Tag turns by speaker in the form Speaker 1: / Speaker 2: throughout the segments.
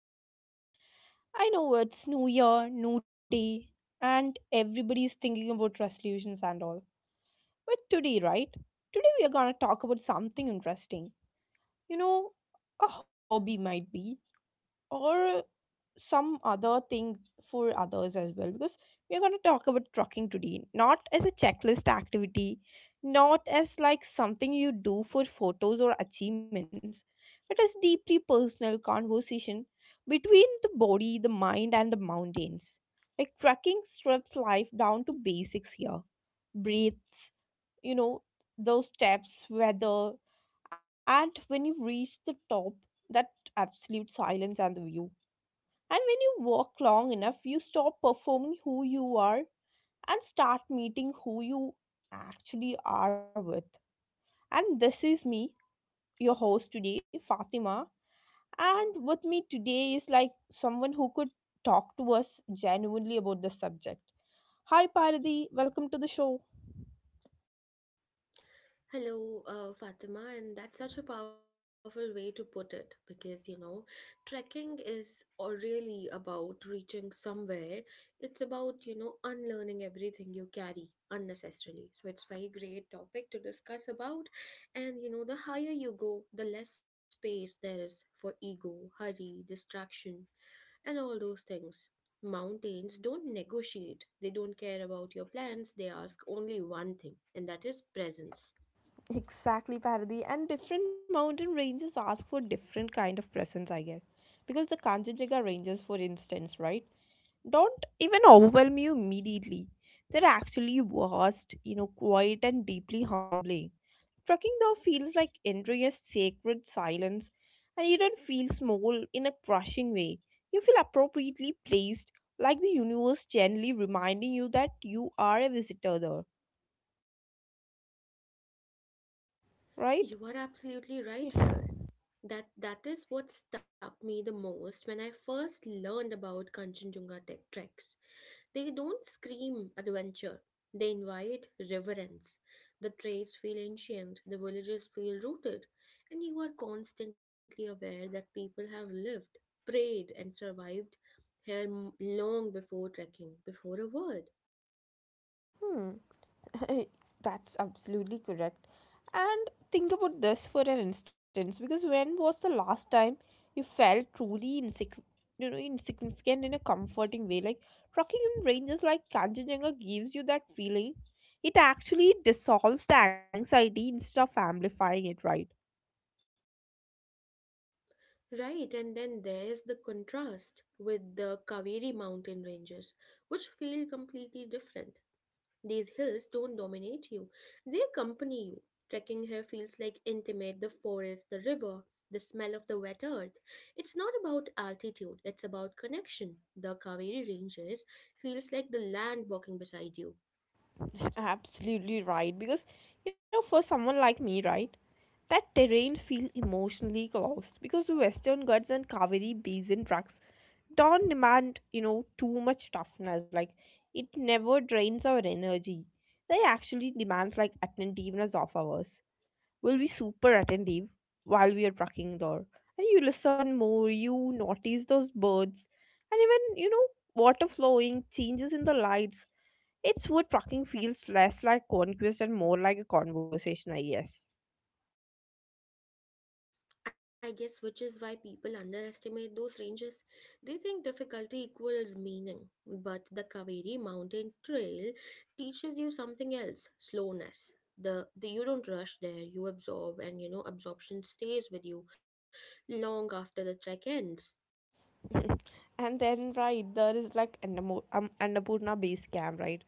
Speaker 1: Unfiltered today. I know it's new year, new day, and everybody is thinking about resolutions and all. But today, right? Today, we are gonna talk about something interesting. You know, a hobby might be or some other thing for others as well, because we're going to talk about trucking today, not as a checklist activity, not as like something you do for photos or achievements, but as deeply personal conversation between the body, the mind and the mountains. Like trucking strips life down to basics here: breaths, you know, those steps, weather, and when you reach the top, that absolute silence and the view. And when you walk long enough, you stop performing who you are and start meeting who you actually are with. And this is me, your host today, Fatima. And with me today is like someone who could talk to us genuinely about this subject. Hi, Paradi. Welcome to the show.
Speaker 2: Hello, Fatima, and that's such a powerful way to put it because you know, trekking is all really about reaching somewhere. It's about you know unlearning everything you carry unnecessarily. So it's very great topic to discuss about, and you know the higher you go, the less space there is for ego, hurry, distraction, and all those things. Mountains don't negotiate. They don't care about your plans. They ask only one thing, and that is presence.
Speaker 1: Exactly, Paradi. And different mountain ranges ask for different kind of presence, I guess. Because the Kanchenjunga ranges, for instance, right? Don't even overwhelm you immediately. They're actually vast, you know, quiet and deeply humbling. Trekking though feels like entering a sacred silence, and you don't feel small in a crushing way. You feel appropriately placed, like the universe gently reminding you that you are a visitor there, right?
Speaker 2: You are absolutely
Speaker 1: Yeah.
Speaker 2: right here. That is what stuck me the most when I first learned about Kanchenjunga treks. They don't scream adventure. They invite reverence. The trails feel ancient, the villages feel rooted, and you are constantly aware that people have lived, prayed, and survived here long before trekking, before a word.
Speaker 1: Hmm. That's absolutely correct. And think about this for an instance, because when was the last time you felt truly you know, insignificant in a comforting way? Like trekking in ranges like Kanchenjunga gives you that feeling. It actually dissolves the anxiety instead of amplifying it, right?
Speaker 2: Right, and then there's the contrast with the Kaveri mountain ranges, which feel completely different. These hills don't dominate you, they accompany you. Trekking here feels like intimate the forest, the river, the smell of the wet earth. It's not about altitude, it's about connection. The Kaveri ranges feels like the land walking beside you.
Speaker 1: Absolutely right. Because, you know, for someone like me, right, that terrain feel emotionally close because the Western Ghats and Kaveri Basin trucks don't demand, you know, too much toughness. Like, it never drains our energy. They actually demands like attentiveness of ours. We'll be super attentive while we are trucking there. And you listen more, you notice those birds, and even, you know, water flowing, changes in the lights. It's where talking feels less like conquest and more like a conversation, I guess.
Speaker 2: I guess which is why people underestimate those ranges. They think difficulty equals meaning, but the Kaveri mountain trail teaches you something else, slowness. The You don't rush there, you absorb and you know absorption stays with you long after the trek ends.
Speaker 1: Mhm. And then, right, there is like Annapurna base camp, right?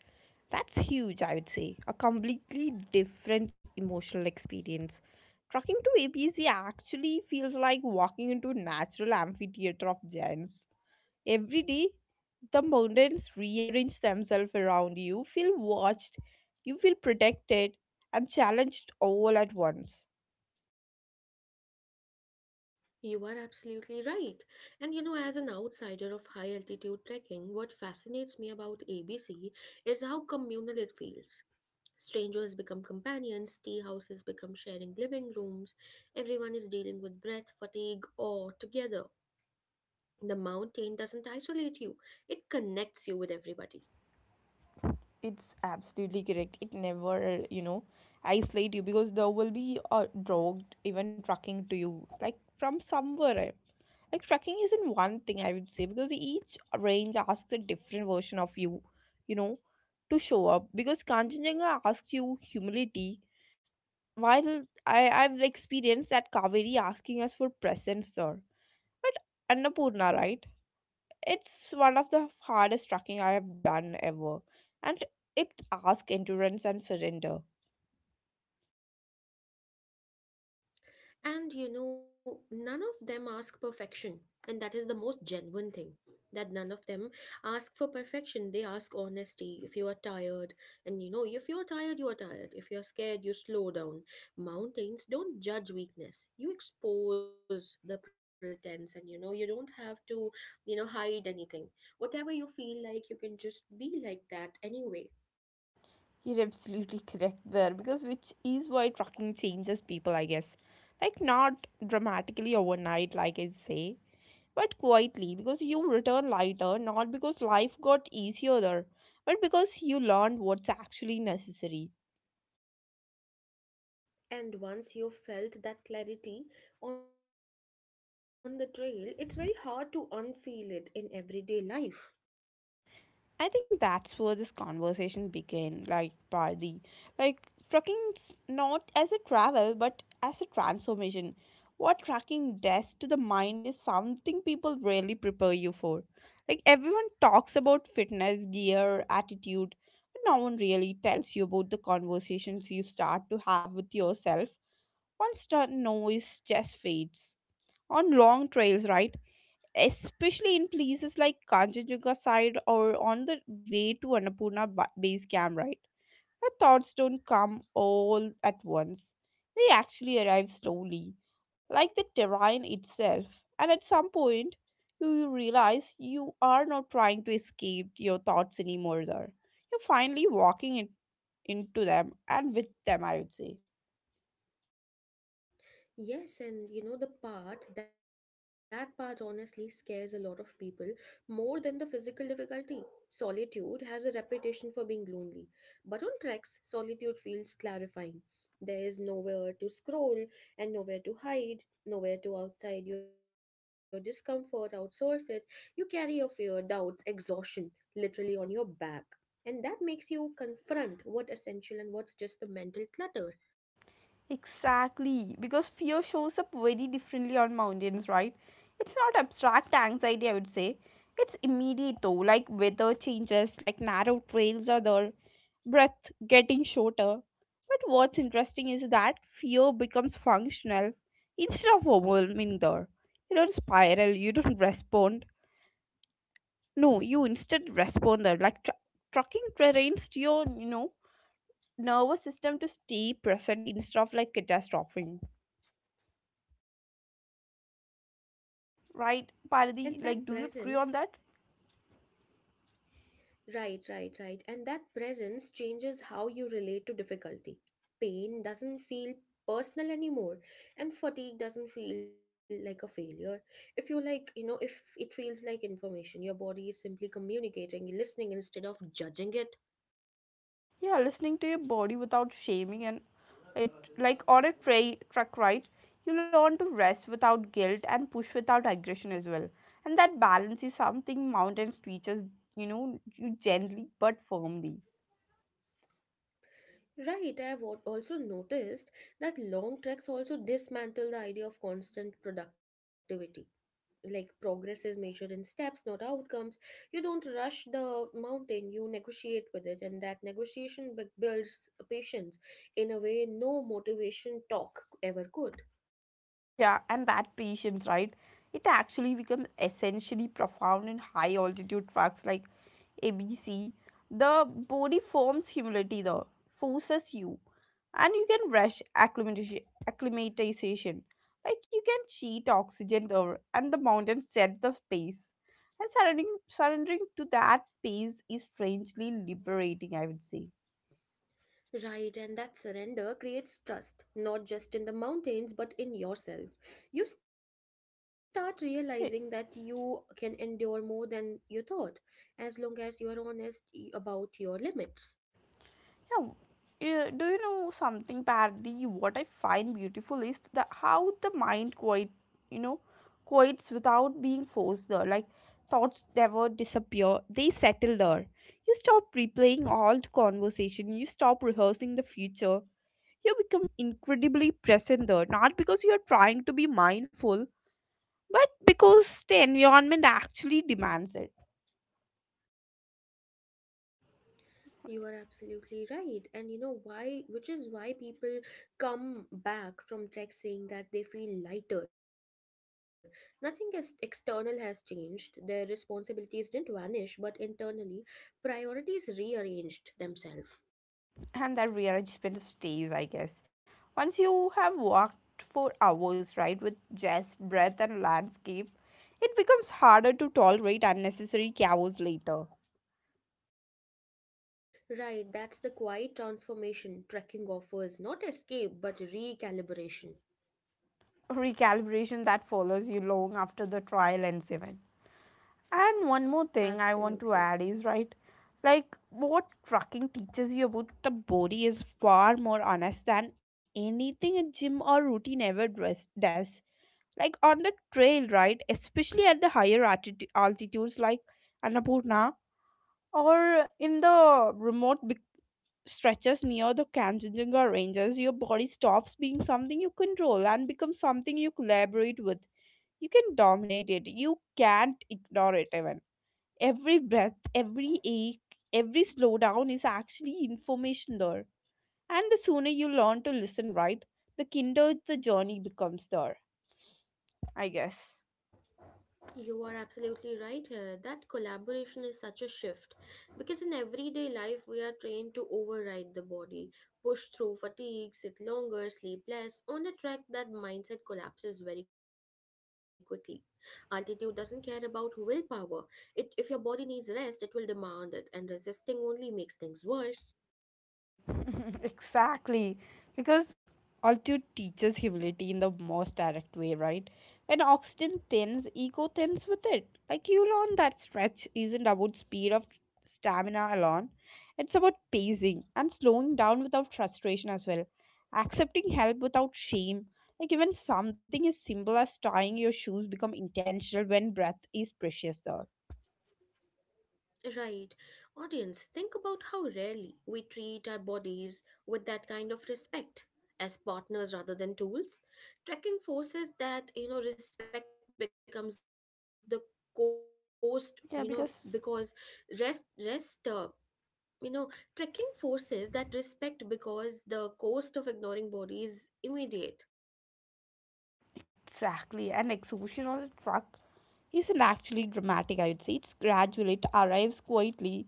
Speaker 1: That's huge, I would say. A completely different emotional experience. Trucking to ABC actually feels like walking into a natural amphitheater of giants. Every day, the mountains rearrange themselves around you. You feel watched, you feel protected and challenged all at once.
Speaker 2: You are absolutely right. And you know, as an outsider of high altitude trekking, what fascinates me about ABC is how communal it feels. Strangers become companions, tea houses become sharing living rooms, everyone is dealing with breath, fatigue, or together. The mountain doesn't isolate you, it connects you with everybody.
Speaker 1: It's absolutely correct. It never, you know, isolate you, because there will be a dog even trucking to you, like from somewhere. Eh. Like trucking isn't one thing, I would say, because each range asks a different version of you, you know, to show up. Because Kanchenjunga asks you humility, while I've experienced that Kaveri asking us for presence, sir. But Annapurna, right? It's one of the hardest trekking I have done ever, and it asks endurance and surrender.
Speaker 2: And you know, none of them ask perfection. And that is the most genuine thing that none of them ask for perfection. They ask honesty. If you are tired, and you know, if you're tired, you are tired. If you're scared, you slow down. Mountains don't judge weakness. You expose the pretense, and you know, you don't have to, you know, hide anything. Whatever you feel like, you can just be like that anyway.
Speaker 1: You're absolutely correct there, because which is why trekking changes people, I guess. Like, not dramatically overnight, like I say, but quietly, because you return lighter, not because life got easier there, but because you learned what's actually necessary.
Speaker 2: And once you've felt that clarity on the trail, it's very hard to unfeel it in everyday life.
Speaker 1: I think that's where this conversation began, like Pardi. Like trucking's not as a travel but as a transformation. What trucking does to the mind is something people rarely prepare you for. Like everyone talks about fitness, gear, attitude, but no one really tells you about the conversations you start to have with yourself once the noise just fades. On long trails, right? Especially in places like Kanchenjunga side or on the way to Annapurna base camp, right? Our thoughts don't come all at once. They actually arrive slowly, like the terrain itself. And at some point, you realize you are not trying to escape your thoughts anymore there. You're into them and with them, I would say.
Speaker 2: Yes, and you know, that part honestly scares a lot of people more than the physical difficulty. Solitude has a reputation for being lonely, but on treks, solitude feels clarifying. There is nowhere to scroll and nowhere to hide, nowhere to outside your discomfort, outsource it. You carry your fear, doubts, exhaustion literally on your back. And that makes you confront what essential and what's just the mental clutter.
Speaker 1: Exactly, because fear shows up very differently on mountains, right? It's not abstract anxiety, I would say. It's immediate though, like weather changes, like narrow trails or the breath getting shorter. But what's interesting is that fear becomes functional instead of overwhelming there. You don't spiral, you don't respond. No, you instead respond there, like trucking terrains to your, you know, nervous system to stay present instead of like catastrophing.
Speaker 2: You are
Speaker 1: Right,
Speaker 2: right.
Speaker 1: Paradi,
Speaker 2: And that
Speaker 1: like, do you agree
Speaker 2: presence
Speaker 1: on that?
Speaker 2: Right, and that presence changes how you relate to difficulty. Pain doesn't feel personal anymore, and fatigue doesn't feel like a failure. If you like, you know, if it feels like information, your body is simply communicating, listening instead of judging it.
Speaker 1: Yeah, listening to your body without shaming and it, like on a truck ride, you learn to rest without guilt and push without aggression as well. And that balance is something mountains teaches, you know, you gently but firmly.
Speaker 2: Right, I've also noticed that long treks also dismantle the idea of constant productivity. Like progress is measured in steps not outcomes, you don't rush the mountain, you negotiate with it, and that negotiation builds patience in a way no motivation talk ever could.
Speaker 1: Yeah, and that patience, right, it actually becomes essentially profound in high altitude trucks like ABC, the body forms humility. The forces you, and you can rush acclimatization. Acclimatization. Like you can cheat oxygen there, and the mountains set the pace. And surrendering to that pace is strangely liberating, I would say.
Speaker 2: Right, and that surrender creates trust not just in the mountains but in yourself. You start realizing that you can endure more than you thought as long as you are honest about your limits.
Speaker 1: Yeah, yeah, do you know something, Pardi? What I find beautiful is the how the mind quite, you know, quiets without being forced there. Like thoughts never disappear; they settle there. You stop replaying old conversation. You stop rehearsing the future. You become incredibly present there, not because you are trying to be mindful, but because the environment actually demands it.
Speaker 2: You are absolutely right. And you know why, which is why people come back from trek saying that they feel lighter. Nothing external has changed. Their responsibilities didn't vanish, but internally, priorities rearranged themselves.
Speaker 1: And that rearrangement stays, I guess. Once you have walked for hours, right, with just breath and landscape, it becomes harder to tolerate unnecessary chaos later.
Speaker 2: Right, that's the quiet transformation trekking offers, not escape, but recalibration.
Speaker 1: Recalibration that follows you long after the trial ends, even. And one more thing I want to
Speaker 2: Absolutely.
Speaker 1: add is, right, like what trucking teaches you about the body is far more honest than anything a gym or routine ever does. Like on the
Speaker 2: Mm-hmm.
Speaker 1: trail, right, especially at the higher altitudes, like Annapurna or in the remote big stretches near the Kanchenjunga ranges, your body stops being something you control and becomes something you collaborate with. You can dominate it, you can't ignore it even. Every breath, every ache, every slowdown is actually information there. And the sooner you learn to listen, right, the kinder the journey becomes there, I guess.
Speaker 2: You are absolutely right here. That collaboration is such a shift because in everyday life we are trained to override the body, push through fatigue, sit longer, sleep less. On a trek, that mindset collapses very quickly. Altitude doesn't care about willpower. It, if your body needs rest, it will demand it, and resisting only makes things worse.
Speaker 1: Exactly, because altitude teaches humility in the most direct way, right? When oxygen thins, ego thins with it. Like you learn that stretch isn't about speed of stamina alone, it's about pacing and slowing down without frustration as well, accepting help without shame. Like even something as simple as tying your shoes become intentional when breath is precious. Though
Speaker 2: Right. Audience, think about how rarely we treat our bodies with that kind of respect as partners rather than tools. Trekking forces that, you know, respect becomes the cost, you know, because rest,
Speaker 1: yeah, because
Speaker 2: rest, uh, you know, trekking forces that respect because the cost of ignoring body is immediate.
Speaker 1: exactly, and exhaustion also track isn't actually dramatic, I would say. It's gradual, it arrives quietly.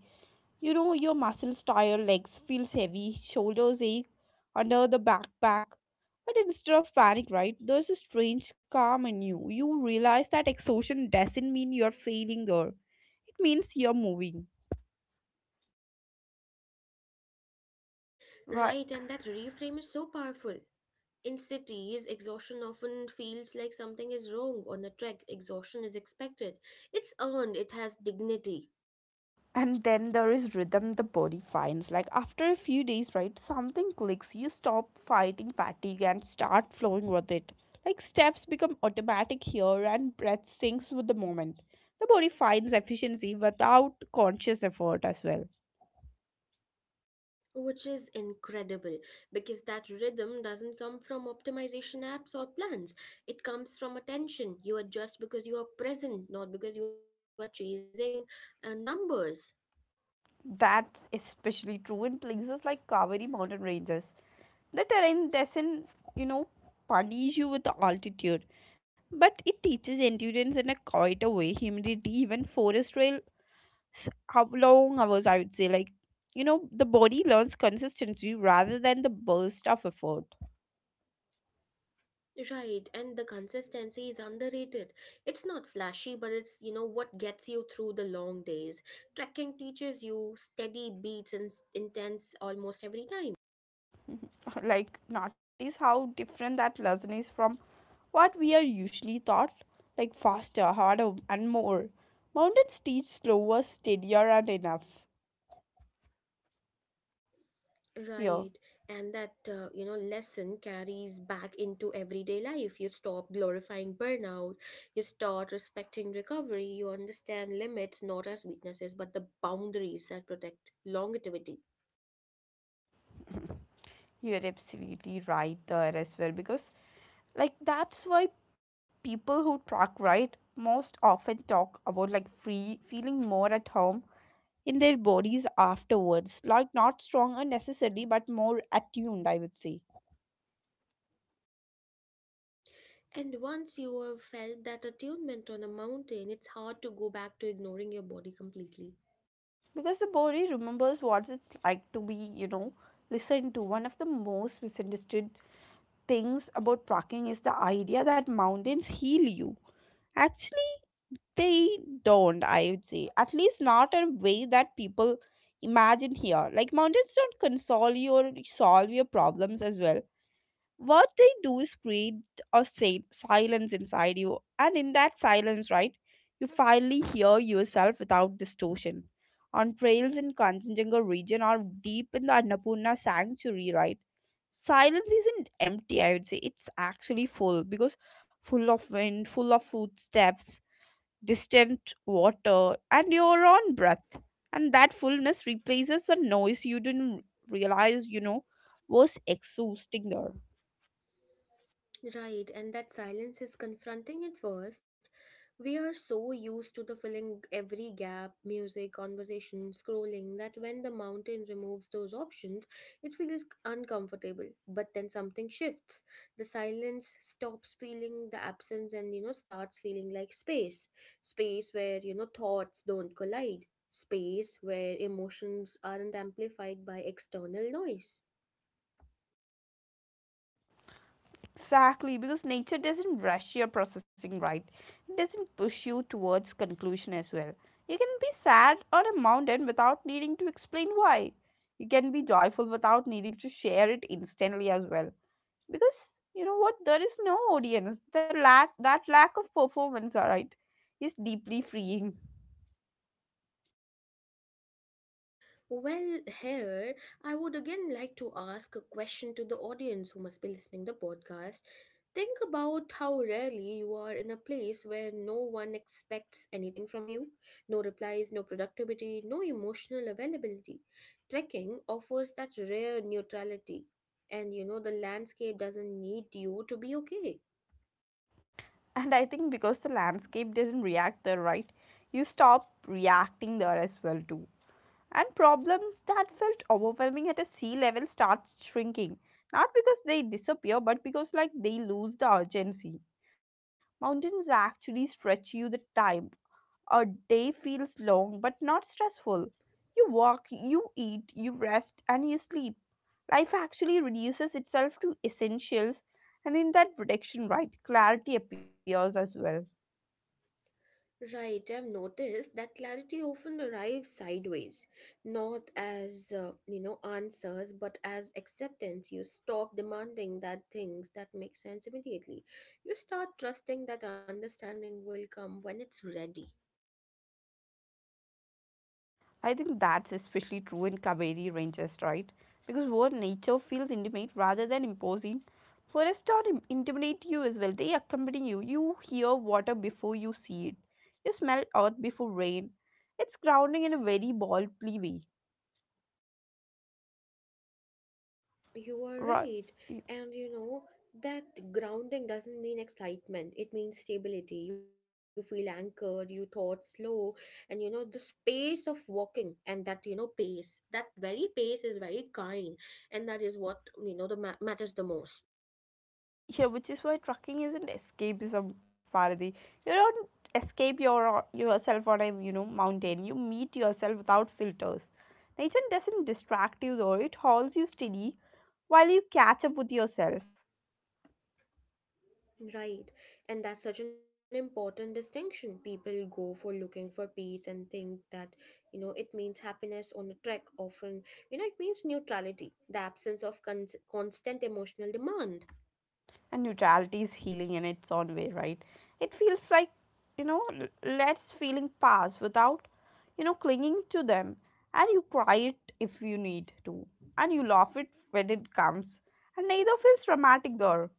Speaker 1: You know, your muscles tire, legs feels heavy, shoulders ache under the backpack. But instead of panic, right, there's a strange calm in you. You realize that exhaustion doesn't mean you're failing there. It means you're moving. Right.
Speaker 2: Right. And that reframe is so powerful. In cities, exhaustion often feels like something is wrong. On a trek, exhaustion is expected. It's earned, it has dignity,
Speaker 1: And then there is rhythm the body finds. Like after a few days, right, something clicks. You stop fighting fatigue and start flowing with it. Like steps become automatic here and breath syncs with the moment. The body finds efficiency without conscious effort as well.
Speaker 2: which is incredible because that rhythm doesn't come from optimization apps or plans. It comes from attention. You adjust because you are present, not because you are chasing numbers.
Speaker 1: That's especially true in places like Kaveri mountain ranges. The terrain doesn't, you know, punish you with the altitude, but it teaches endurance in a quieter way. Humidity, even forest trail how long hours, I would say, like, you know, the body learns consistency rather than the burst of effort.
Speaker 2: Right, and the consistency is underrated. It's not flashy, but it's, you know, what gets you through the long days. Trekking teaches you steady beats and intense almost every time.
Speaker 1: Like notice how different that lesson is from what we are usually taught, like faster, harder and more. Mountains teach slower, steadier and enough
Speaker 2: Right,
Speaker 1: here.
Speaker 2: and that, you know, lesson carries back into everyday life. You stop glorifying burnout, you start respecting recovery, you understand limits not as weaknesses, but the boundaries that protect longevity.
Speaker 1: You're absolutely right there as well, because like that's why people who truck ride most often talk about like free feeling more at home in their bodies afterwards, like not stronger necessarily but more attuned, I would say.
Speaker 2: And once you have felt that attunement on a mountain, it's hard to go back to ignoring your body completely.
Speaker 1: Because the body remembers what it's like to be, you know, listened to. One of the most misunderstood things about trekking is the idea that mountains heal you. Actually they don't, I would say, at least not in a way that people imagine here. Like mountains don't console you or solve your problems as well. What they do is create a silence inside you, and in that silence, right, you finally hear yourself without distortion. On trails in Kanchenjunga region or deep in the Annapurna sanctuary, right, silence isn't empty, I would say. It's actually full, because full of wind, full of footsteps, distant water and your own breath. And that fullness replaces the noise you didn't realize, you know, was exhausting there.
Speaker 2: Right, and that silence is confronting at first. We are so used to the filling every gap, music, conversation, scrolling, that when the mountain removes those options, it feels uncomfortable. But then something shifts. The silence stops feeling the absence and, you know, starts feeling like space. Space where, you know, thoughts don't collide. Space where emotions aren't amplified by external noise.
Speaker 1: Exactly, because nature doesn't rush your processing, right. It doesn't push you towards conclusion as well. You can be sad on a mountain without needing to explain why. You can be joyful without needing to share it instantly as well. Because you know what, there is no audience. The lack that lack of performance, alright, is deeply freeing.
Speaker 2: Well, here, I would again like to ask a question to the audience who must be listening the podcast. Think about how rarely you are in a place where no one expects anything from you. No replies, no productivity, no emotional availability. Trekking offers that rare neutrality. And you know, the landscape doesn't need you to be okay.
Speaker 1: And I think because the landscape doesn't react there, right? You stop reacting there as well too. And problems that felt overwhelming at a sea level start shrinking, not because they disappear, but because like they lose the urgency. Mountains actually stretch you the time. A day feels long but not stressful. You walk, you eat, you rest, and you sleep. Life actually reduces itself to essentials, and in that reduction, right, clarity appears as well.
Speaker 2: Right, I've noticed that clarity often arrives sideways, not as, you know, answers, but as acceptance. You stop demanding that things that make sense immediately. You start trusting that understanding will come when it's ready.
Speaker 1: I think that's especially true in Kaveri ranges, right? Because where nature feels intimate rather than imposing, forests don't intimidate you as well. They accompany you. You hear water before you see it. You smell earth before rain. It's grounding in a very boldly way.
Speaker 2: You are
Speaker 1: Right.
Speaker 2: right. And you know, that grounding doesn't mean excitement, it means stability. You feel anchored, you thought slow, and you know, the space of walking and that, you know, pace, that very pace is very kind. And that is what, you know, the matters the most.
Speaker 1: Yeah, which is why trucking isn't escapism, Faradi. You don't escape yourself on a mountain. You meet yourself without filters. Nature doesn't distract you though; it holds you steady while you catch up with yourself.
Speaker 2: Right. And that's such an important distinction. People go for looking for peace and think that, you know, it means happiness on a trek. Often, you know, it means neutrality, the absence of constant emotional demand.
Speaker 1: And neutrality is healing in its own way, right? It feels like you know l- lets feeling pass without clinging to them, and you cry it if you need to, and you laugh it when it comes, and neither feels dramatic though.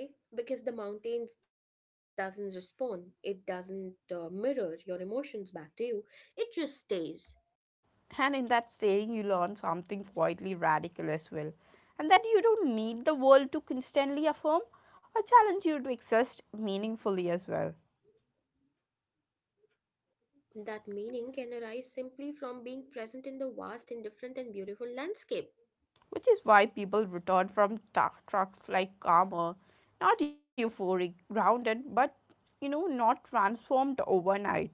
Speaker 2: You know why? Because the mountains doesn't respond. It doesn't mirror your emotions back to you. It just stays.
Speaker 1: And in that staying, you learn something quietly radical as well. And that you don't need the world to constantly affirm or challenge you to exist meaningfully as well.
Speaker 2: That meaning can arise simply from being present in the vast, indifferent, and beautiful landscape.
Speaker 1: Which is why people return from trucks like calmer, not euphoric, grounded, but not transformed overnight.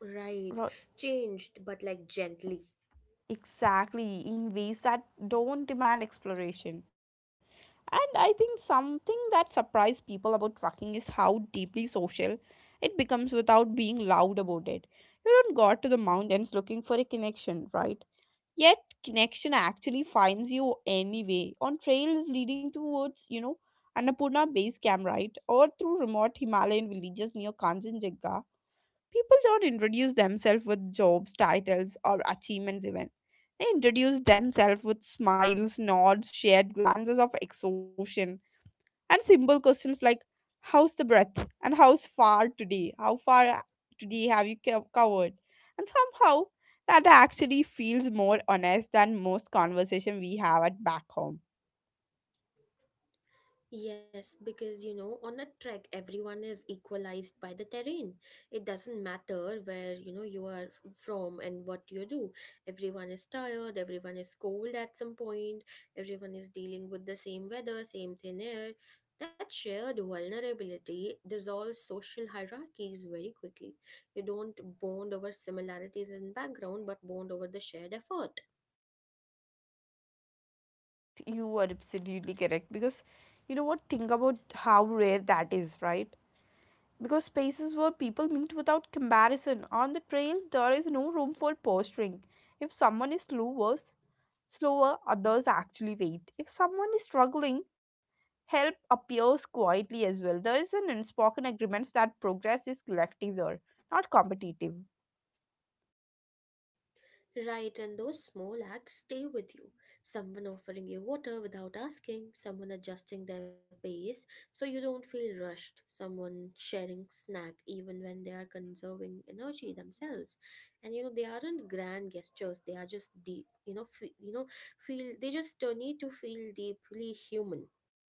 Speaker 2: Right,
Speaker 1: Ro-
Speaker 2: changed, but like gently.
Speaker 1: Exactly, in ways that don't demand exploration. And I think something that surprised people about trucking is how deeply social it becomes without being loud about it. You don't go out to the mountains looking for a connection, right? Yet connection actually finds you anyway on trails leading towards, Annapurna base camp, right? Or through remote Himalayan villages near Kanchenjunga. People don't introduce themselves with jobs, titles, or achievements, even. They introduce themselves with smiles, nods, shared glances of exhaustion, and simple questions like, how's the breath? And how's far today? How far today have you covered? And somehow, that actually feels more honest than most conversation we have at back home.
Speaker 2: Yes, because you know, on a trek, everyone is equalized by the terrain. It doesn't matter where you know you are from and what you do. Everyone is tired, everyone is cold at some point, everyone is dealing with the same weather, same thin air. That shared vulnerability dissolves social hierarchies very quickly. You don't bond over similarities in background, but bond over the shared effort.
Speaker 1: You are absolutely correct because you know what? Think about how rare that is, right? Because spaces where people meet without comparison. On the trail, there is no room for posturing. If someone is slower, slower others actually wait. If someone is struggling, help appears quietly as well. There is an unspoken agreement that progress is collective there, not competitive.
Speaker 2: Right, and those small acts stay with you. Someone offering you water without asking, someone adjusting their pace so you don't feel rushed, someone sharing snack even when they are conserving energy themselves. And you know, they aren't grand gestures, they are just deep. Feel they just need to feel deeply human.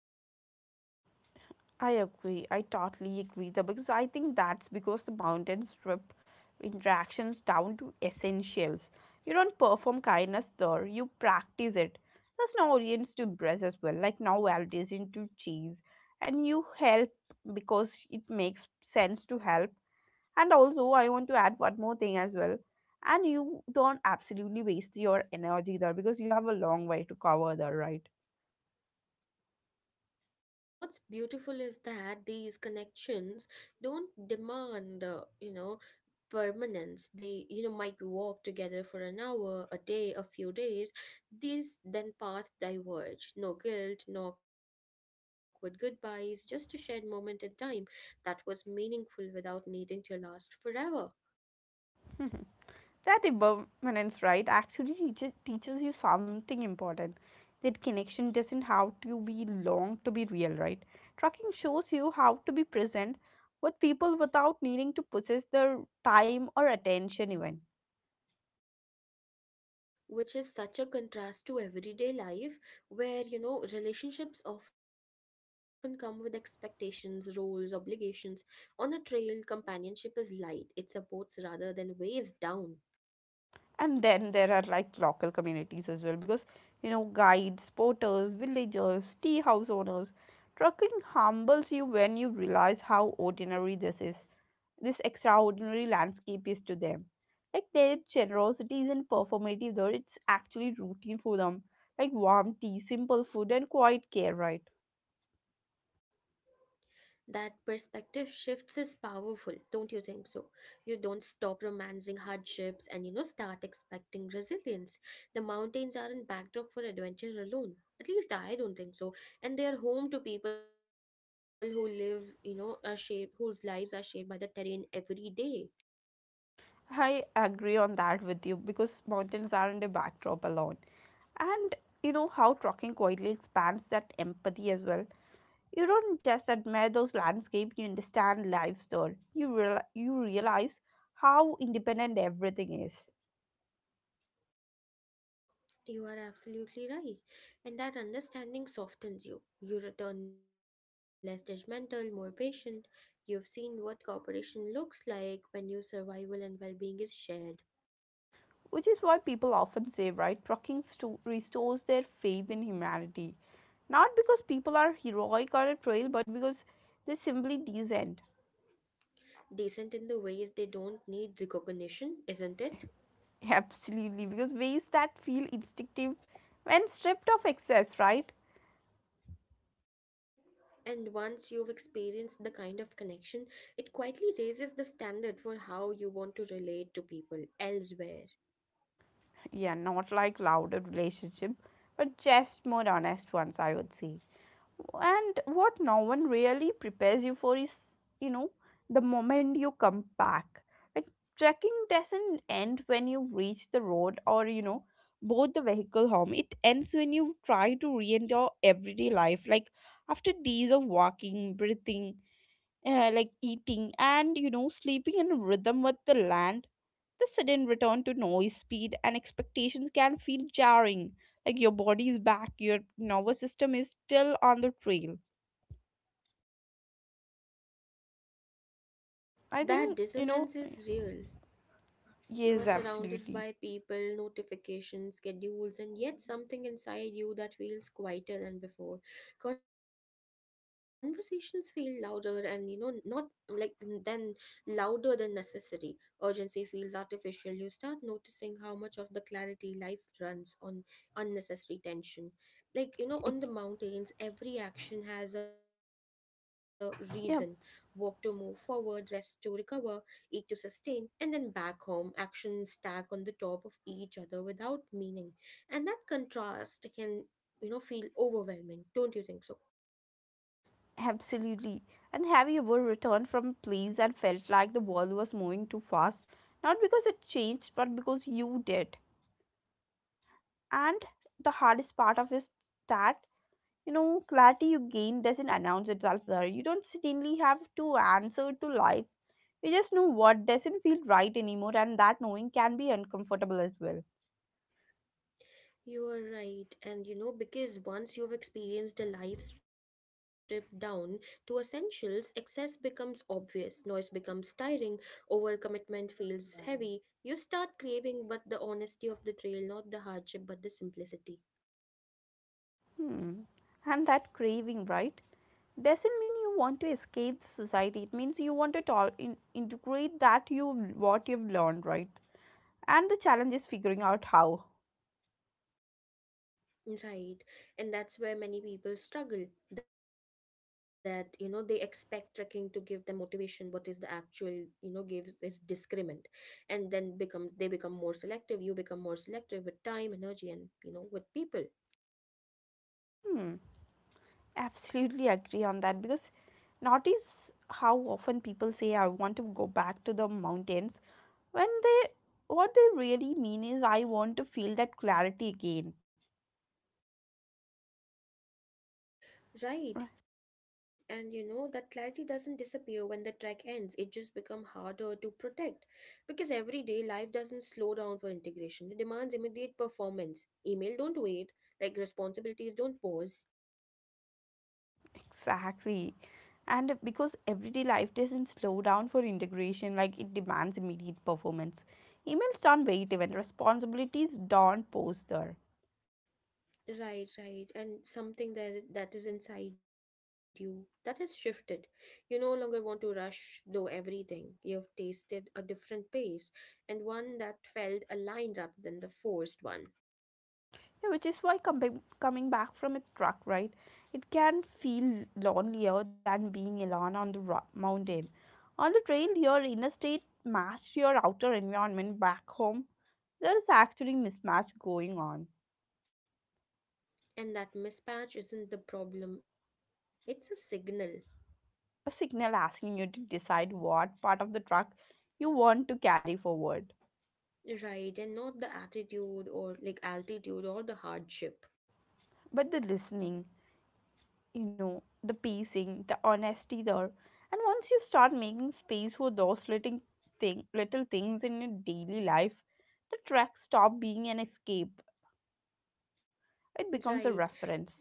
Speaker 1: I agree. I totally agree there because I think that's because the mountain strip interactions down to essentials. You don't perform kindness there, you practice it. There's no audience to impress as well, like no validation to cheese. And you help because it makes sense to help. And also I want to add one more thing as well. And you don't absolutely waste your energy there because you have a long way to cover there, right?
Speaker 2: Right, and what's beautiful is that these connections don't demand, you know, permanence, they you know might walk together for an hour, a day, a few days, these then paths diverge, no guilt, no awkward goodbyes, just a shared moment in time that was meaningful without needing to last forever.
Speaker 1: That impermanence, right, actually teaches you something important. That connection doesn't have to be long to be real, right? Trucking shows you how to be present with people without needing to possess their time or attention, even.
Speaker 2: Which is such a contrast to everyday life where you know relationships often come with expectations, roles, obligations. On a trail companionship is light, it supports rather than weighs down.
Speaker 1: And then there are like local communities as well, because guides, porters, villagers, tea house owners. Trucking humbles you when you realize how ordinary this is. This extraordinary landscape is to them. Like their generosity isn't performative though, it's actually routine for them. Like warm tea, simple food, and quiet care, right?
Speaker 2: That perspective shifts is powerful, don't you think so? You don't stop romancing hardships and you know start expecting resilience. The mountains aren't backdrop for adventure alone. At least I don't think so. And they are home to people who live, you know, are shaped whose lives are shaped by the terrain every day.
Speaker 1: I agree on that with you because mountains aren't a backdrop alone. And you know how trucking quietly expands that empathy as well. You don't just admire those landscapes, you understand lives there. You realize how independent everything is.
Speaker 2: You are absolutely right. And that understanding softens you. You return less judgmental, more patient. You've seen what cooperation looks like when your survival and well being is shared.
Speaker 1: Which is why people often say, right, trucking restores their faith in humanity. Not because people are heroic or a trail, but because they're simply decent.
Speaker 2: Decent in the ways they don't need recognition, isn't it?
Speaker 1: Absolutely, because ways that feel instinctive when stripped of excess, right?
Speaker 2: And once you've experienced the kind of connection, it quietly raises the standard for how you want to relate to people elsewhere.
Speaker 1: Yeah, not like louder relationship, but just more honest ones, I would say. And what no one really prepares you for is, you know, the moment you come back. Like trekking doesn't end when you reach the road or, board the vehicle home. It ends when you try to re-enter everyday life. Like after days of walking, breathing, like eating and, sleeping in rhythm with the land, the sudden return to noise, speed and expectations can feel jarring. Like your body is back, your nervous system is still on the trail I
Speaker 2: That
Speaker 1: think,
Speaker 2: dissonance is real. You are
Speaker 1: yes,
Speaker 2: surrounded
Speaker 1: absolutely.
Speaker 2: by people, notifications, schedules, and yet something inside you that feels quieter than before. Conversations feel louder and, not like then louder than necessary. Urgency feels artificial. You start noticing how much of the clarity life runs on unnecessary tension. Like, on the
Speaker 1: Ex-
Speaker 2: mountains, every action has a reason: walk to move
Speaker 1: Yeah,
Speaker 2: forward, rest to recover, eat to sustain, and then back home, actions stack on the top of each other without meaning. And that contrast can, feel overwhelming, don't you think so?
Speaker 1: absolutely. And have you ever returned from plays and felt like the ball was moving too fast? Not because it changed, but because you did. And the hardest part of is that, clarity you gain doesn't announce itself there. You don't suddenly have to answer to life. You just know what doesn't feel right anymore, and that knowing can be uncomfortable as well.
Speaker 2: You are right. And because once you've experienced a life stripped down to essentials, excess becomes obvious, noise becomes tiring, overcommitment feels heavy. You start craving, but the honesty of the trail, not the hardship, but the simplicity.
Speaker 1: Hmm. And that craving, right? Doesn't mean you want to escape the society, it means you want to integrate that you what you've learned, right? And the challenge is figuring out how.
Speaker 2: Right. And that's where many people struggle that, they expect trekking to give them motivation. What is the actual gives is discriminant. And then become more selective. You become more selective with time, energy, and, with people.
Speaker 1: Hmm, absolutely agree on that, because notice how often people say, I want to go back to the mountains, when they what they really mean is, I want to feel that clarity again.
Speaker 2: Right. And, that clarity doesn't disappear when the trek ends. It just become harder to protect because everyday life doesn't slow down for integration. It demands immediate performance. Email don't wait. Like responsibilities don't pause.
Speaker 1: Exactly. And because everyday life doesn't slow down for integration, like it demands immediate performance. Emails don't wait even, responsibilities don't pause there.
Speaker 2: Right, right. And something that is inside you that has shifted. You no longer want to rush through everything. You've tasted a different pace and one that felt aligned rather than the forced one.
Speaker 1: Yeah, which is why coming back from a truck ride, it can feel lonelier than being alone on the mountain. On the trail, your inner state matched your outer environment back home. There is actually mismatch going on.
Speaker 2: And that mismatch isn't the problem, it's a signal.
Speaker 1: A signal asking you to decide what part of the truck you want to carry forward.
Speaker 2: Right, and not the attitude or like altitude or the hardship.
Speaker 1: But the listening, the pacing, the honesty there, and once you start making space for those little things in your daily life, the truck stop being an escape. It becomes a
Speaker 2: Right,
Speaker 1: reference.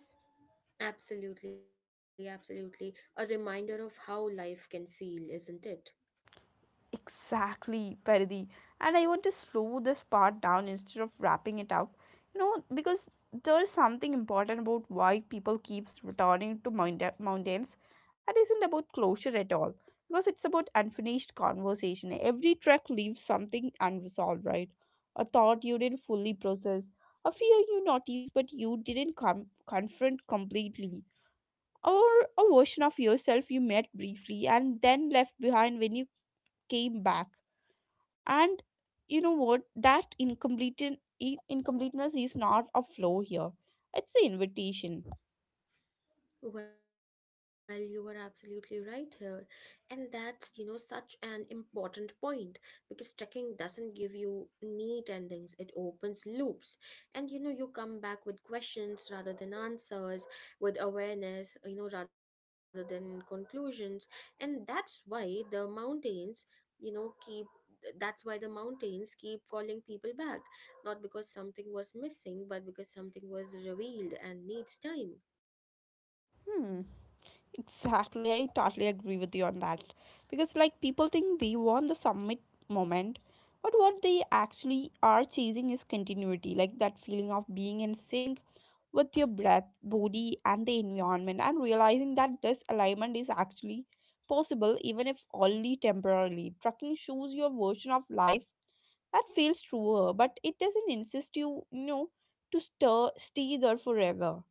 Speaker 2: absolutely, absolutely. A reminder of how life can feel, isn't it?
Speaker 1: Exactly, Paridi. And I want to slow this part down instead of wrapping it up. You know, because there is something important about why people keeps returning to mountains. That isn't about closure at all. Because it's about unfinished conversation. Every trek leaves something unresolved, right? A thought you didn't fully process, a fear you noticed but you didn't confront completely, or a version of yourself you met briefly and then left behind when you came back. And you know what, that incomplete incompleteness is not a flaw here, it's an invitation.
Speaker 2: Well, you were absolutely right here. And that's such an important point because trekking doesn't give you neat endings, it opens loops. And, you come back with questions rather than answers, with awareness, rather than conclusions. And that's why the mountains, you know, keep that's why the mountains keep calling people back, not because something was missing but because something was revealed and needs time.
Speaker 1: Hmm, exactly, I totally agree with you on that, because like people think they want the summit moment, but what they actually are chasing is continuity, like that feeling of being in sync with your breath, body and the environment, and realizing that this alignment is actually possible even if only temporarily. Trucking shows your version of life that feels truer, but it doesn't insist you, to stay there forever.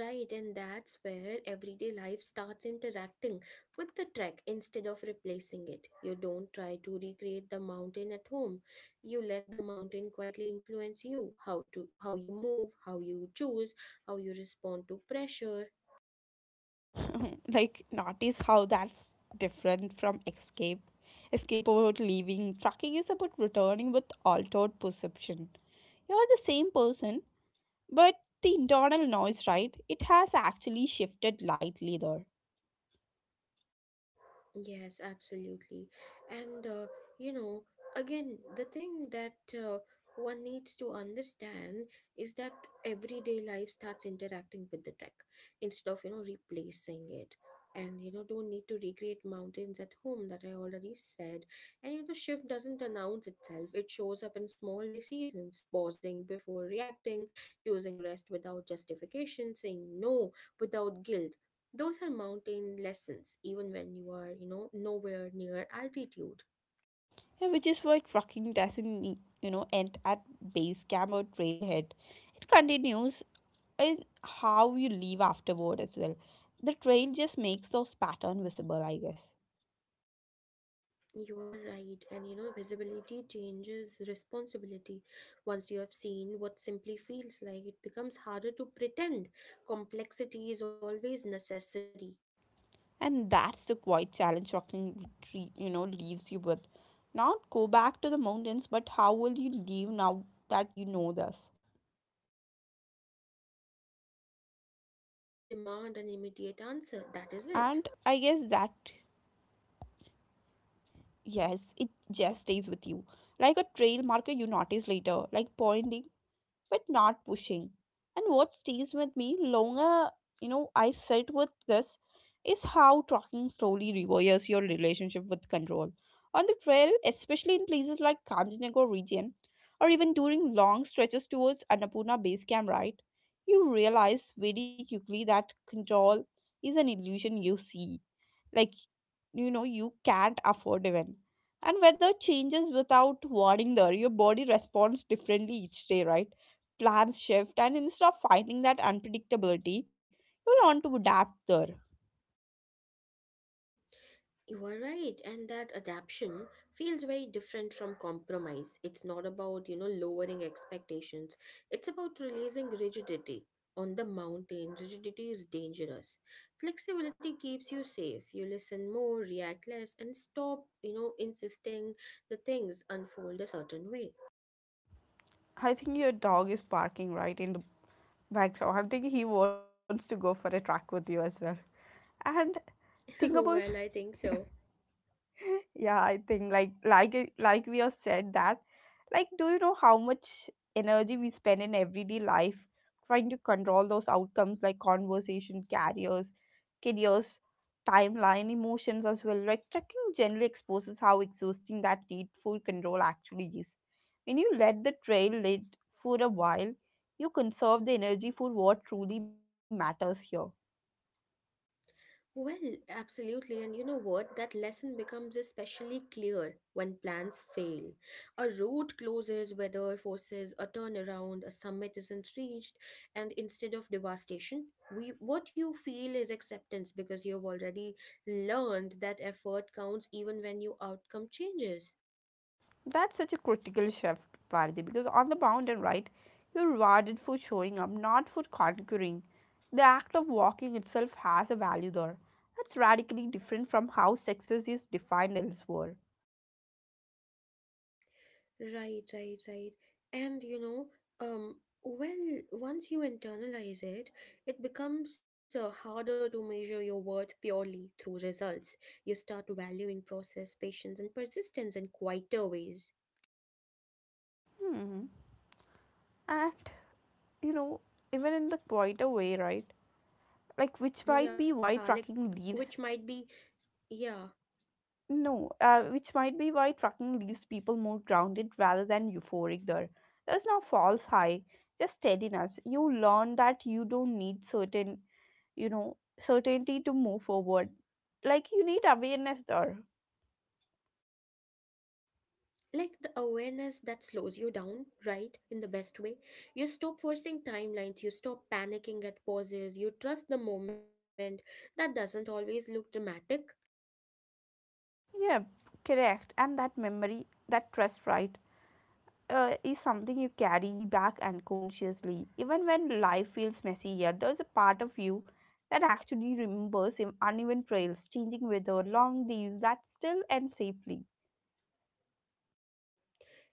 Speaker 2: Right, and that's where everyday life starts interacting with the trek instead of replacing it. You don't try to recreate the mountain at home. You let the mountain quietly influence you: how you move, how you choose, how you respond to pressure.
Speaker 1: Like, notice how that's different from escape. Escape about leaving. Tracking is about returning with altered perception. You're the same person, but the internal noise, right? It has actually shifted lightly there.
Speaker 2: Yes, absolutely. And, you know, again, the thing that one needs to understand is that everyday life starts interacting with the tech instead of replacing it. And, don't need to recreate mountains at home, that I already said. And, shift doesn't announce itself, it shows up in small decisions: pausing before reacting, choosing rest without justification, saying no without guilt. Those are mountain lessons, even when you are, nowhere near altitude.
Speaker 1: Yeah, which is why trucking doesn't, end at base camp or trailhead. It continues in how you leave afterward as well. The trail just makes those patterns visible, I guess.
Speaker 2: You are right, and visibility changes responsibility. Once you have seen what simply feels like, it becomes harder to pretend. Complexity is always necessary.
Speaker 1: And that's the quiet challenge walking retreat, leaves you with. Not go back to the mountains, but how will you leave now that you know this?
Speaker 2: And the question that
Speaker 1: And
Speaker 2: doesn't
Speaker 1: I
Speaker 2: demand
Speaker 1: guess
Speaker 2: an
Speaker 1: that,
Speaker 2: immediate answer, that is it.
Speaker 1: yes, it just stays with you. Like a trail marker you notice later, like pointing but not pushing. And what stays with me longer, I sit with this is how talking slowly rewires your relationship with control. On the trail, especially in places like Kanchenjunga region, or even during long stretches towards Annapurna base camp, right? You realize very quickly that control is an illusion you see. Like you can't afford even and weather changes without warning there. Your body responds differently each day, right? Plans shift, and instead of fighting that unpredictability, you learn to adapt there.
Speaker 2: You are right, and that adaption feels very different from compromise. It's not about lowering expectations. It's about releasing rigidity. On the mountain, rigidity is dangerous. Flexibility keeps you safe. You listen more, react less, and stop insisting the things unfold a certain way.
Speaker 1: I think your dog is barking right in the background. I'm thinking he wants to go for a track with you as well. And think about...
Speaker 2: Well, I think so.
Speaker 1: Yeah, I think like we have said that, like, do you know how much energy we spend in everyday life trying to control those outcomes, like conversation carriers, careers, timeline, emotions as well. Like tracking generally exposes how exhausting that need for control actually is. When you let the trail lead for a while, you conserve the energy for what truly matters here.
Speaker 2: Well, absolutely. And you know what? That lesson becomes especially clear when plans fail. A route closes, weather forces a turnaround, a summit isn't reached, and instead of devastation, we what you feel is acceptance, because you've already learned that effort counts even when your outcome changes.
Speaker 1: That's such a critical shift, Parthi, because on the bound and right, you're rewarded for showing up, not for conquering. The act of walking itself has a value there. That's radically different from how success is defined elsewhere.
Speaker 2: Right, right, right. And um, well, once you internalize it, it becomes harder to measure your worth purely through results. You start valuing process, patience, and persistence in quieter ways.
Speaker 1: Hmm. And, you know, Even in the quieter way, right, like which might be why
Speaker 2: Yeah,
Speaker 1: trucking leaves.
Speaker 2: yeah,
Speaker 1: No, which might be why trucking leaves people more grounded rather than euphoric there. There's no false high, just steadiness. You learn that you don't need certain, certainty to move forward. Like you need awareness there.
Speaker 2: like the awareness that slows you down, right, in the best way. You stop forcing timelines, you stop panicking at pauses, you trust the moment that doesn't always look dramatic.
Speaker 1: Yeah, correct. And that memory, that trust, right, is something you carry back unconsciously. Even when life feels messy, yeah, there's a part of you that actually remembers uneven trails, changing weather, long days that still end safely.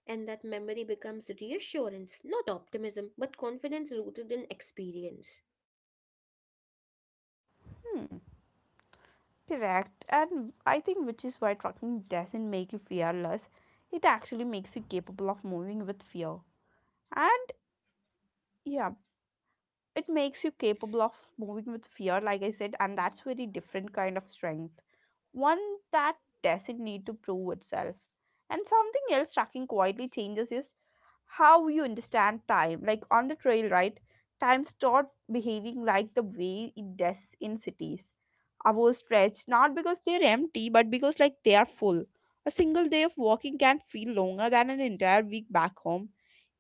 Speaker 2: And that memory becomes reassurance, not optimism, but confidence rooted in experience.
Speaker 1: Hmm, correct. And I think which is why trucking doesn't make you fearless. It actually makes you capable of moving with fear. And yeah, it makes you capable of moving with fear, like I said. And that's very different kind of strength, one that doesn't need to prove itself. And something else tracking quietly changes is how you understand time. Like on the trail, right, time start behaving like the way it does in cities. Hours stretch, not because they're empty, but because like they are full. A single day of walking can feel longer than an entire week back home.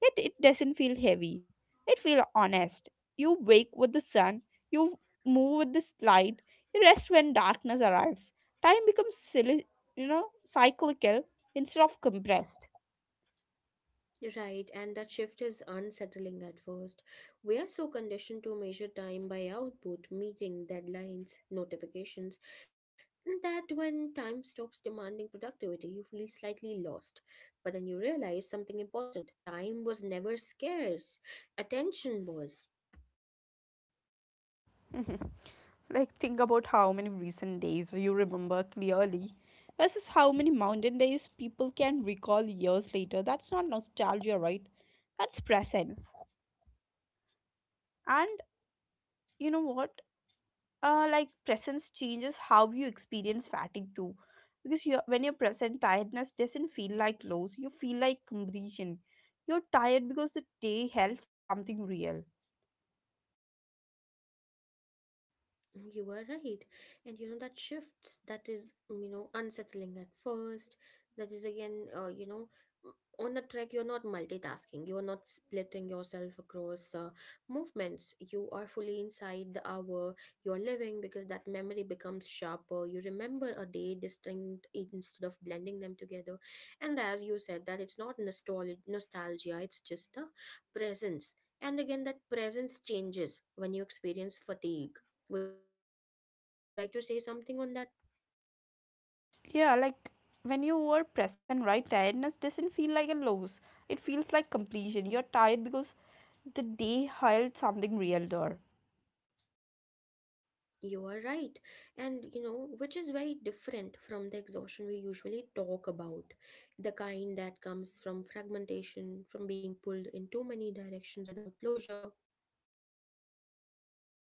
Speaker 1: Yet it doesn't feel heavy. It feels honest. You wake with the sun, you move with the light, you rest when darkness arrives. Time becomes silly, cyclical instead of compressed.
Speaker 2: Right, and that shift is unsettling at first. We are so conditioned to measure time by output, meeting deadlines, notifications, that when time stops demanding productivity, you feel slightly lost. But then you realize something important: time was never scarce, attention was.
Speaker 1: Mhm. Like, think about how many recent days you remember clearly versus how many mountain days people can recall years later. That's not nostalgia, right? That's presence. And you know what? Like, presence changes how you experience fatigue too, because you when you're present, tiredness doesn't feel like loss. You feel like completion. You're tired because the day held something real.
Speaker 2: You are right. And that is unsettling at first. That is again, m- on the track, you're not multitasking. You're not splitting yourself across movements. You are fully inside the hour you're living, because that memory becomes sharper. You remember a day distinct instead of blending them together. And as you said, that it's not nostalgia, it's just the presence. And again, that presence changes when you experience fatigue. Would you like to say something on that?
Speaker 1: Yeah, like when you were present, right, tiredness doesn't feel like a loss. It feels like completion. You're tired because the day held something real there.
Speaker 2: You are right. And which is very different from the exhaustion we usually talk about. The kind that comes from fragmentation, from being pulled in too many directions without closure.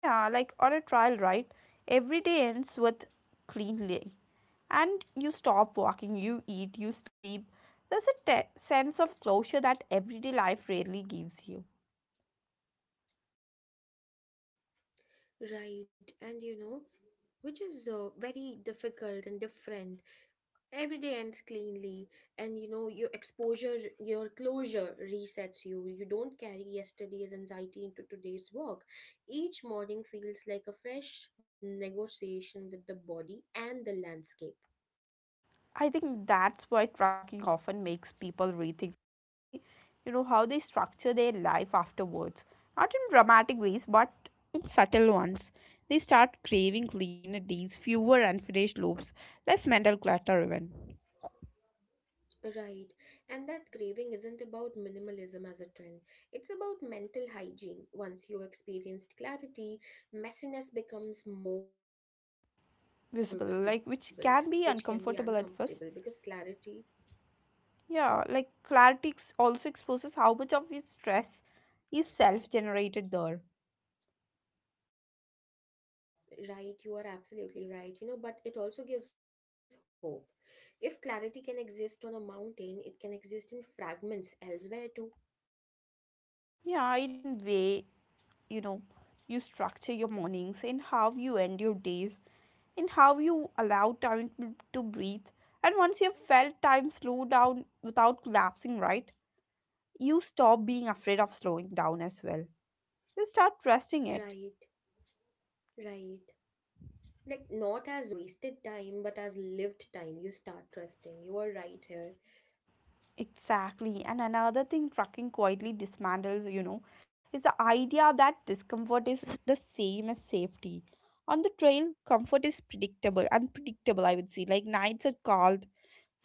Speaker 1: Yeah, like on a trial, right, every day ends with cleanly, and you stop walking, you eat, you sleep. There's a sense of closure that everyday life rarely gives you.
Speaker 2: Right. And which is very difficult and different. Every day ends cleanly, and your closure resets you. You don't carry yesterday's anxiety into today's work. Each morning feels like a fresh negotiation with the body and the landscape.
Speaker 1: I think that's why trucking often makes people rethink, how they structure their life afterwards. Not in dramatic ways, but in subtle ones. They start craving cleaner days, fewer unfinished loops, less mental clutter even.
Speaker 2: Right, and that craving isn't about minimalism as a trend, it's about mental hygiene. Once you experienced clarity, messiness becomes more visible, which can be
Speaker 1: Visible, like,
Speaker 2: uncomfortable
Speaker 1: which
Speaker 2: because
Speaker 1: can be
Speaker 2: clarity...
Speaker 1: uncomfortable at first. Yeah, like clarity also exposes how much of his stress is self generated there.
Speaker 2: Right, you are absolutely right. But it also gives hope. If clarity can exist on a mountain, it can exist in fragments elsewhere too.
Speaker 1: Yeah, in way, you know, you structure your mornings and how you end your days and how you allow time to breathe. And once you've felt time slow down without collapsing, right, you stop being afraid of slowing down as well. You start trusting it.
Speaker 2: Right, right. Like, not as wasted time, but as lived time. You start trusting. You are right here.
Speaker 1: Exactly. And another thing trucking quietly dismantles, is the idea that discomfort is the same as safety. On the trail, comfort is predictable, unpredictable, I would say. Like, nights are cold,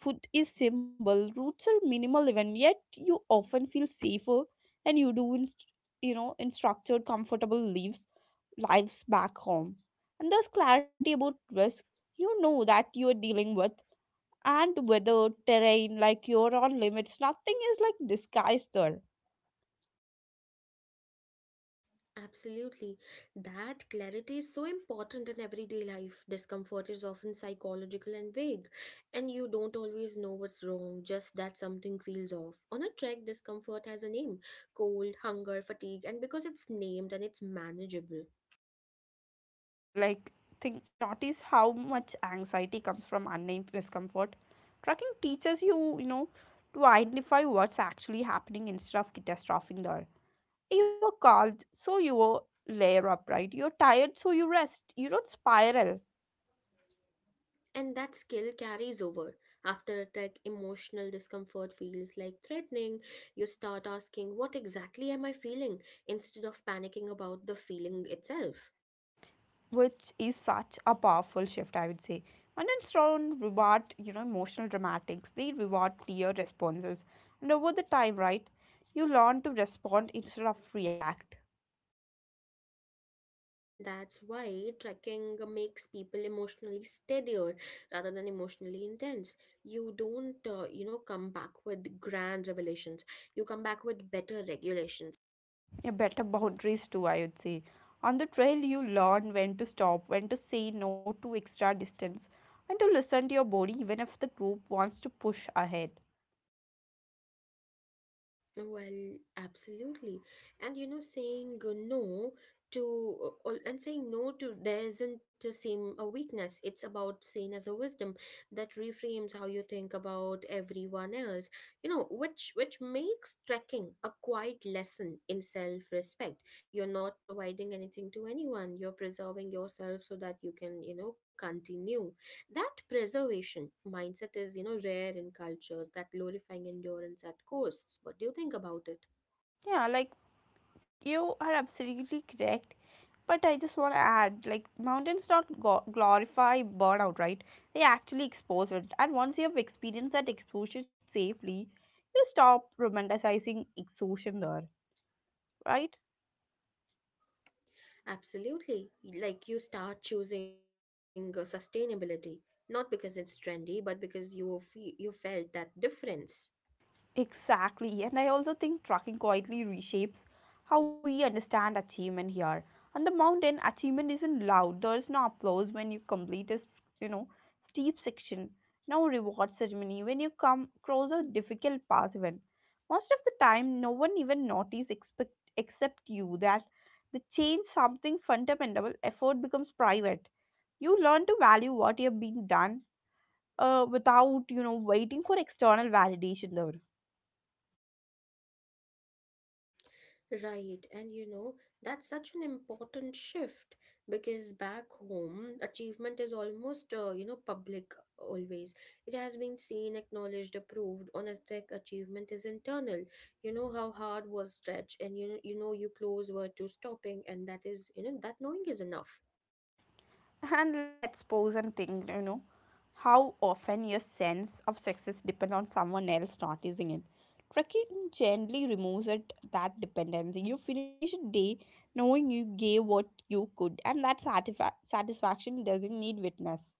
Speaker 1: food is simple, routes are minimal even, yet you often feel safer and you do in, in structured, comfortable lives, lives back home. And there's clarity about risk. You know that you are dealing with and weathered terrain like your own limits. Nothing is like disguised there.
Speaker 2: Absolutely. That clarity is so important in everyday life. Discomfort is often psychological and vague, and you don't always know what's wrong, just that something feels off. On a trek, discomfort has a name: cold, hunger, fatigue, and because it's named, and it's manageable.
Speaker 1: Like, think notice how much anxiety comes from unnamed discomfort. Trucking teaches you, to identify what's actually happening instead of catastrophing there. You are cold, so you layer up, right? You're tired, so you rest. You don't spiral.
Speaker 2: And that skill carries over. After a trek, emotional discomfort feels like threatening. You start asking, "What exactly am I feeling?" instead of panicking about the feeling itself.
Speaker 1: Which is such a powerful shift, I would say. Onions don't reward, emotional dramatics. They reward clear responses. And over the time, right, you learn to respond instead of react.
Speaker 2: That's why trekking makes people emotionally steadier rather than emotionally intense. You don't, come back with grand revelations. You come back with better regulations.
Speaker 1: Yeah, better boundaries too, I would say. On the trail, you learn when to stop, when to say no to extra distance, and to listen to your body even if the group wants to push ahead.
Speaker 2: Well, absolutely. And to saying no to there isn't the same a weakness. It's about seen as a wisdom that reframes how you think about everyone else. Which makes trekking a quiet lesson in self-respect. You're not providing anything to anyone. You're preserving yourself so that you can continue. That preservation mindset is rare in cultures that glorifying endurance at costs. What do you think about it?
Speaker 1: Yeah, like, you are absolutely correct, but I just want to add, like, mountains don't glorify burnout, right? They actually expose it. And once you have experienced that exposure safely, you stop romanticizing exhaustion there, right?
Speaker 2: Absolutely. Like you start choosing sustainability, not because it's trendy, but because you felt that difference.
Speaker 1: Exactly, and I also think tracking quietly reshapes how we understand achievement here. On the mountain, achievement isn't loud. There's no applause when you complete a, you know, steep section. No reward ceremony when you come across a difficult pass even. Most of the time, no one even notices expect, except you, that the change something fundamental, effort becomes private. You learn to value what you've been done without, waiting for external validation though.
Speaker 2: Right, and that's such an important shift because back home, achievement is almost, public always. It has been seen, acknowledged, approved. On a tech, achievement is internal. You know how hard was stretched, and you close were to stopping, and that is that knowing is enough.
Speaker 1: And let's pause and think, how often your sense of success depends on someone else noticing it. Trekking gently removes it, that dependency. You finish a day knowing you gave what you could, and that satisfaction doesn't need witness.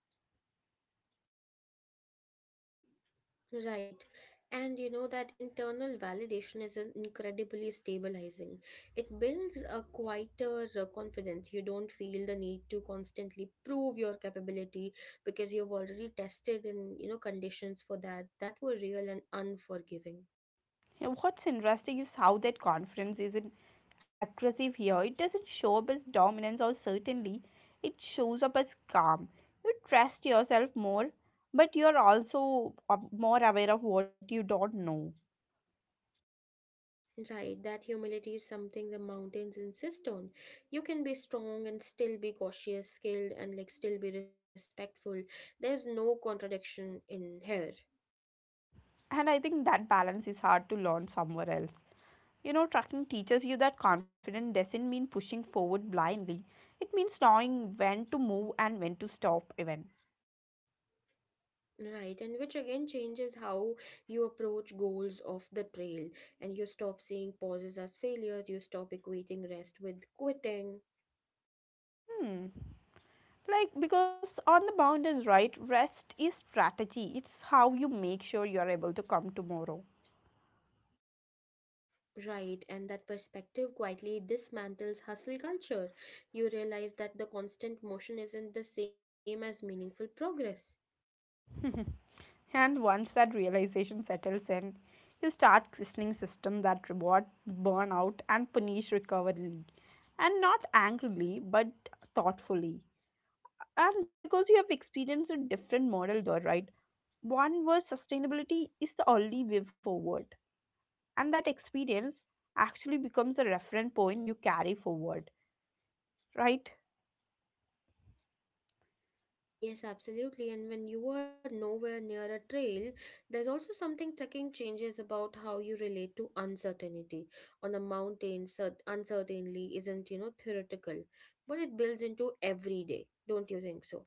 Speaker 2: Right. And you know that internal validation is an incredibly stabilizing. It builds a quieter confidence. You don't feel the need to constantly prove your capability because you've already tested in, conditions for that that were real and unforgiving.
Speaker 1: Yeah, what's interesting is how that confidence isn't aggressive here. It doesn't show up as dominance or certainly, it shows up as calm. You trust yourself more, but you're also more aware of what you don't know.
Speaker 2: Right, that humility is something the mountains insist on. You can be strong and still be cautious, skilled, and like still be respectful. There's no contradiction in here.
Speaker 1: And I think that balance is hard to learn somewhere else. You know, trucking teaches you that confidence doesn't mean pushing forward blindly. It means knowing when to move and when to stop even.
Speaker 2: Right, and which again changes how you approach goals of the trail, and you stop seeing pauses as failures, you stop equating rest with quitting.
Speaker 1: Hmm. Like, because on the boundaries right, rest is strategy. It's how you make sure you're able to come tomorrow.
Speaker 2: Right, and that perspective quietly dismantles hustle culture. You realize that the constant motion isn't the same as meaningful progress.
Speaker 1: And once that realization settles in, you start questioning system that reward burnout and punish recovery. And not angrily, but thoughtfully. And because you have experienced a different model there, right? One where sustainability is the only way forward. And that experience actually becomes a reference point you carry forward, right?
Speaker 2: Yes, absolutely. And when you are nowhere near a trail, there's also something trekking changes about how you relate to uncertainty. On a mountain, uncertainly isn't, theoretical, but it builds into every day. Don't you think so?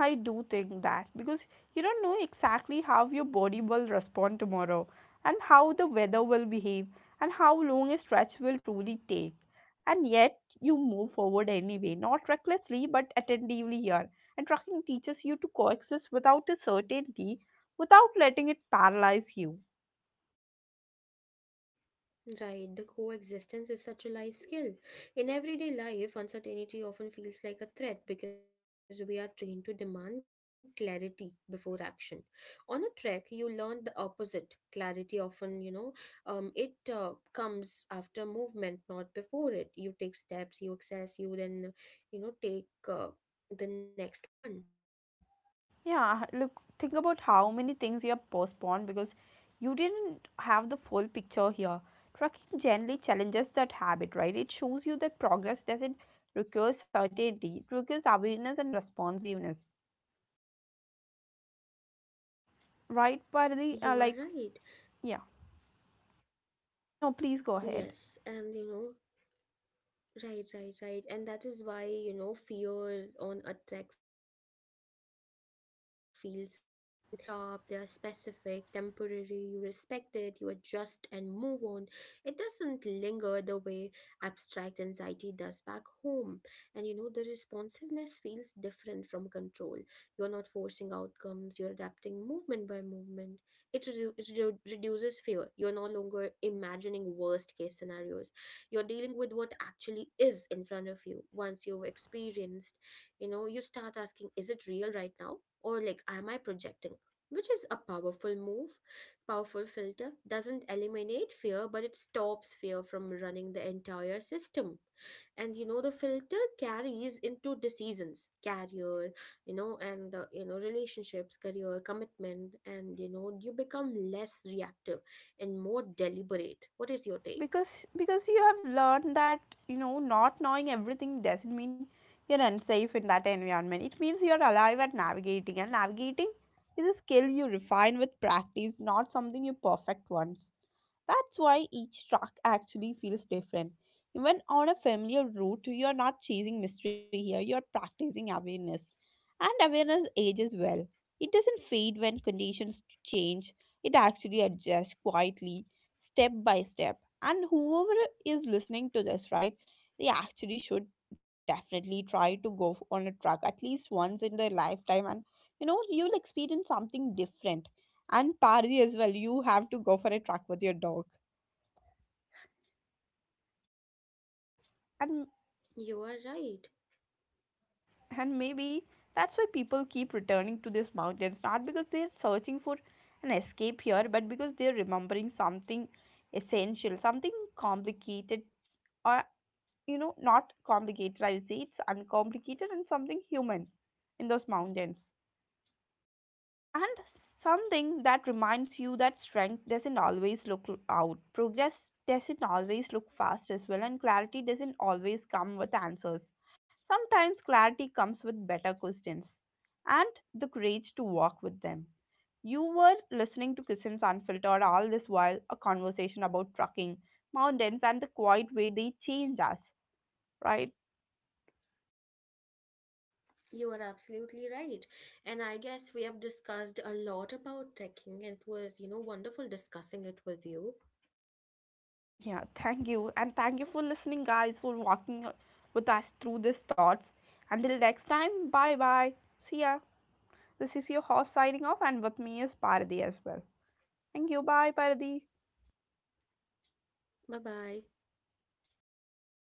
Speaker 1: I do think that, because you don't know exactly how your body will respond tomorrow, and how the weather will behave, and how long a stretch will truly take. And yet you move forward anyway, not recklessly but attentively here. And trucking teaches you to coexist without a certainty, without letting it paralyze you.
Speaker 2: Right, the coexistence is such a life skill. In everyday life, uncertainty often feels like a threat because we are trained to demand clarity before action. On a trek, you learn the opposite. Clarity often, it comes after movement, not before it. You take steps, you access, you then, take the next one.
Speaker 1: Yeah, look, think about how many things you have postponed because you didn't have the full picture here. Trucking generally challenges that habit, right? It shows you that progress doesn't require certainty, it requires awareness and responsiveness, right?
Speaker 2: You are right.
Speaker 1: Yeah, no, please go ahead.
Speaker 2: Yes, and you know, Right, right, right. And that is why fears on a tech feels clean. They're sharp, they're specific, temporary, you respect it, you adjust and move on. It doesn't linger the way abstract anxiety does back home. And the responsiveness feels different from control. You're not forcing outcomes, you're adapting movement by movement. It reduces fear. You're no longer imagining worst case scenarios, you're dealing with what actually is in front of you. Once you've experienced, you start asking, is it real right now, or like am I projecting? Which is a powerful move. Powerful filter doesn't eliminate fear, but it stops fear from running the entire system. And the filter carries into decisions, career, you know and you know relationships, career, commitment, and you become less reactive and more deliberate. What is your take?
Speaker 1: Because you have learned that, you know, not knowing everything doesn't mean you're unsafe in that environment. It means you're alive at navigating, and navigating is a skill you refine with practice, not something you perfect once. That's why each track actually feels different. Even on a familiar route, you are not chasing mystery here, you're practicing awareness, and awareness ages well. It doesn't fade when conditions change, it actually adjusts quietly, step by step. And whoever is listening to this, right, they actually should definitely try to go on a truck at least once in their lifetime. And you know, you'll experience something different. And Parthi as well, you have to go for a truck with your dog. And...
Speaker 2: You are right.
Speaker 1: And maybe that's why people keep returning to these mountains, not because they're searching for an escape here, but because they're remembering something essential, something complicated, or not complicated. I would say it's uncomplicated, and something human in those mountains. And something that reminds you that strength doesn't always look out, progress doesn't always look fast as well, and clarity doesn't always come with answers. Sometimes clarity comes with better questions and the courage to walk with them. You were listening to Kissin's Unfiltered all this while, a conversation about trucking, mountains, and the quiet way they change us, right?
Speaker 2: You are absolutely right. And I guess we have discussed a lot about trekking. It was, wonderful discussing it with you.
Speaker 1: Yeah, thank you. And thank you for listening, guys, for walking with us through these thoughts. Until next time, bye bye. See ya. This is your host signing off, and with me is Pardi as well. Thank you. Bye, Pardi.
Speaker 2: Bye bye.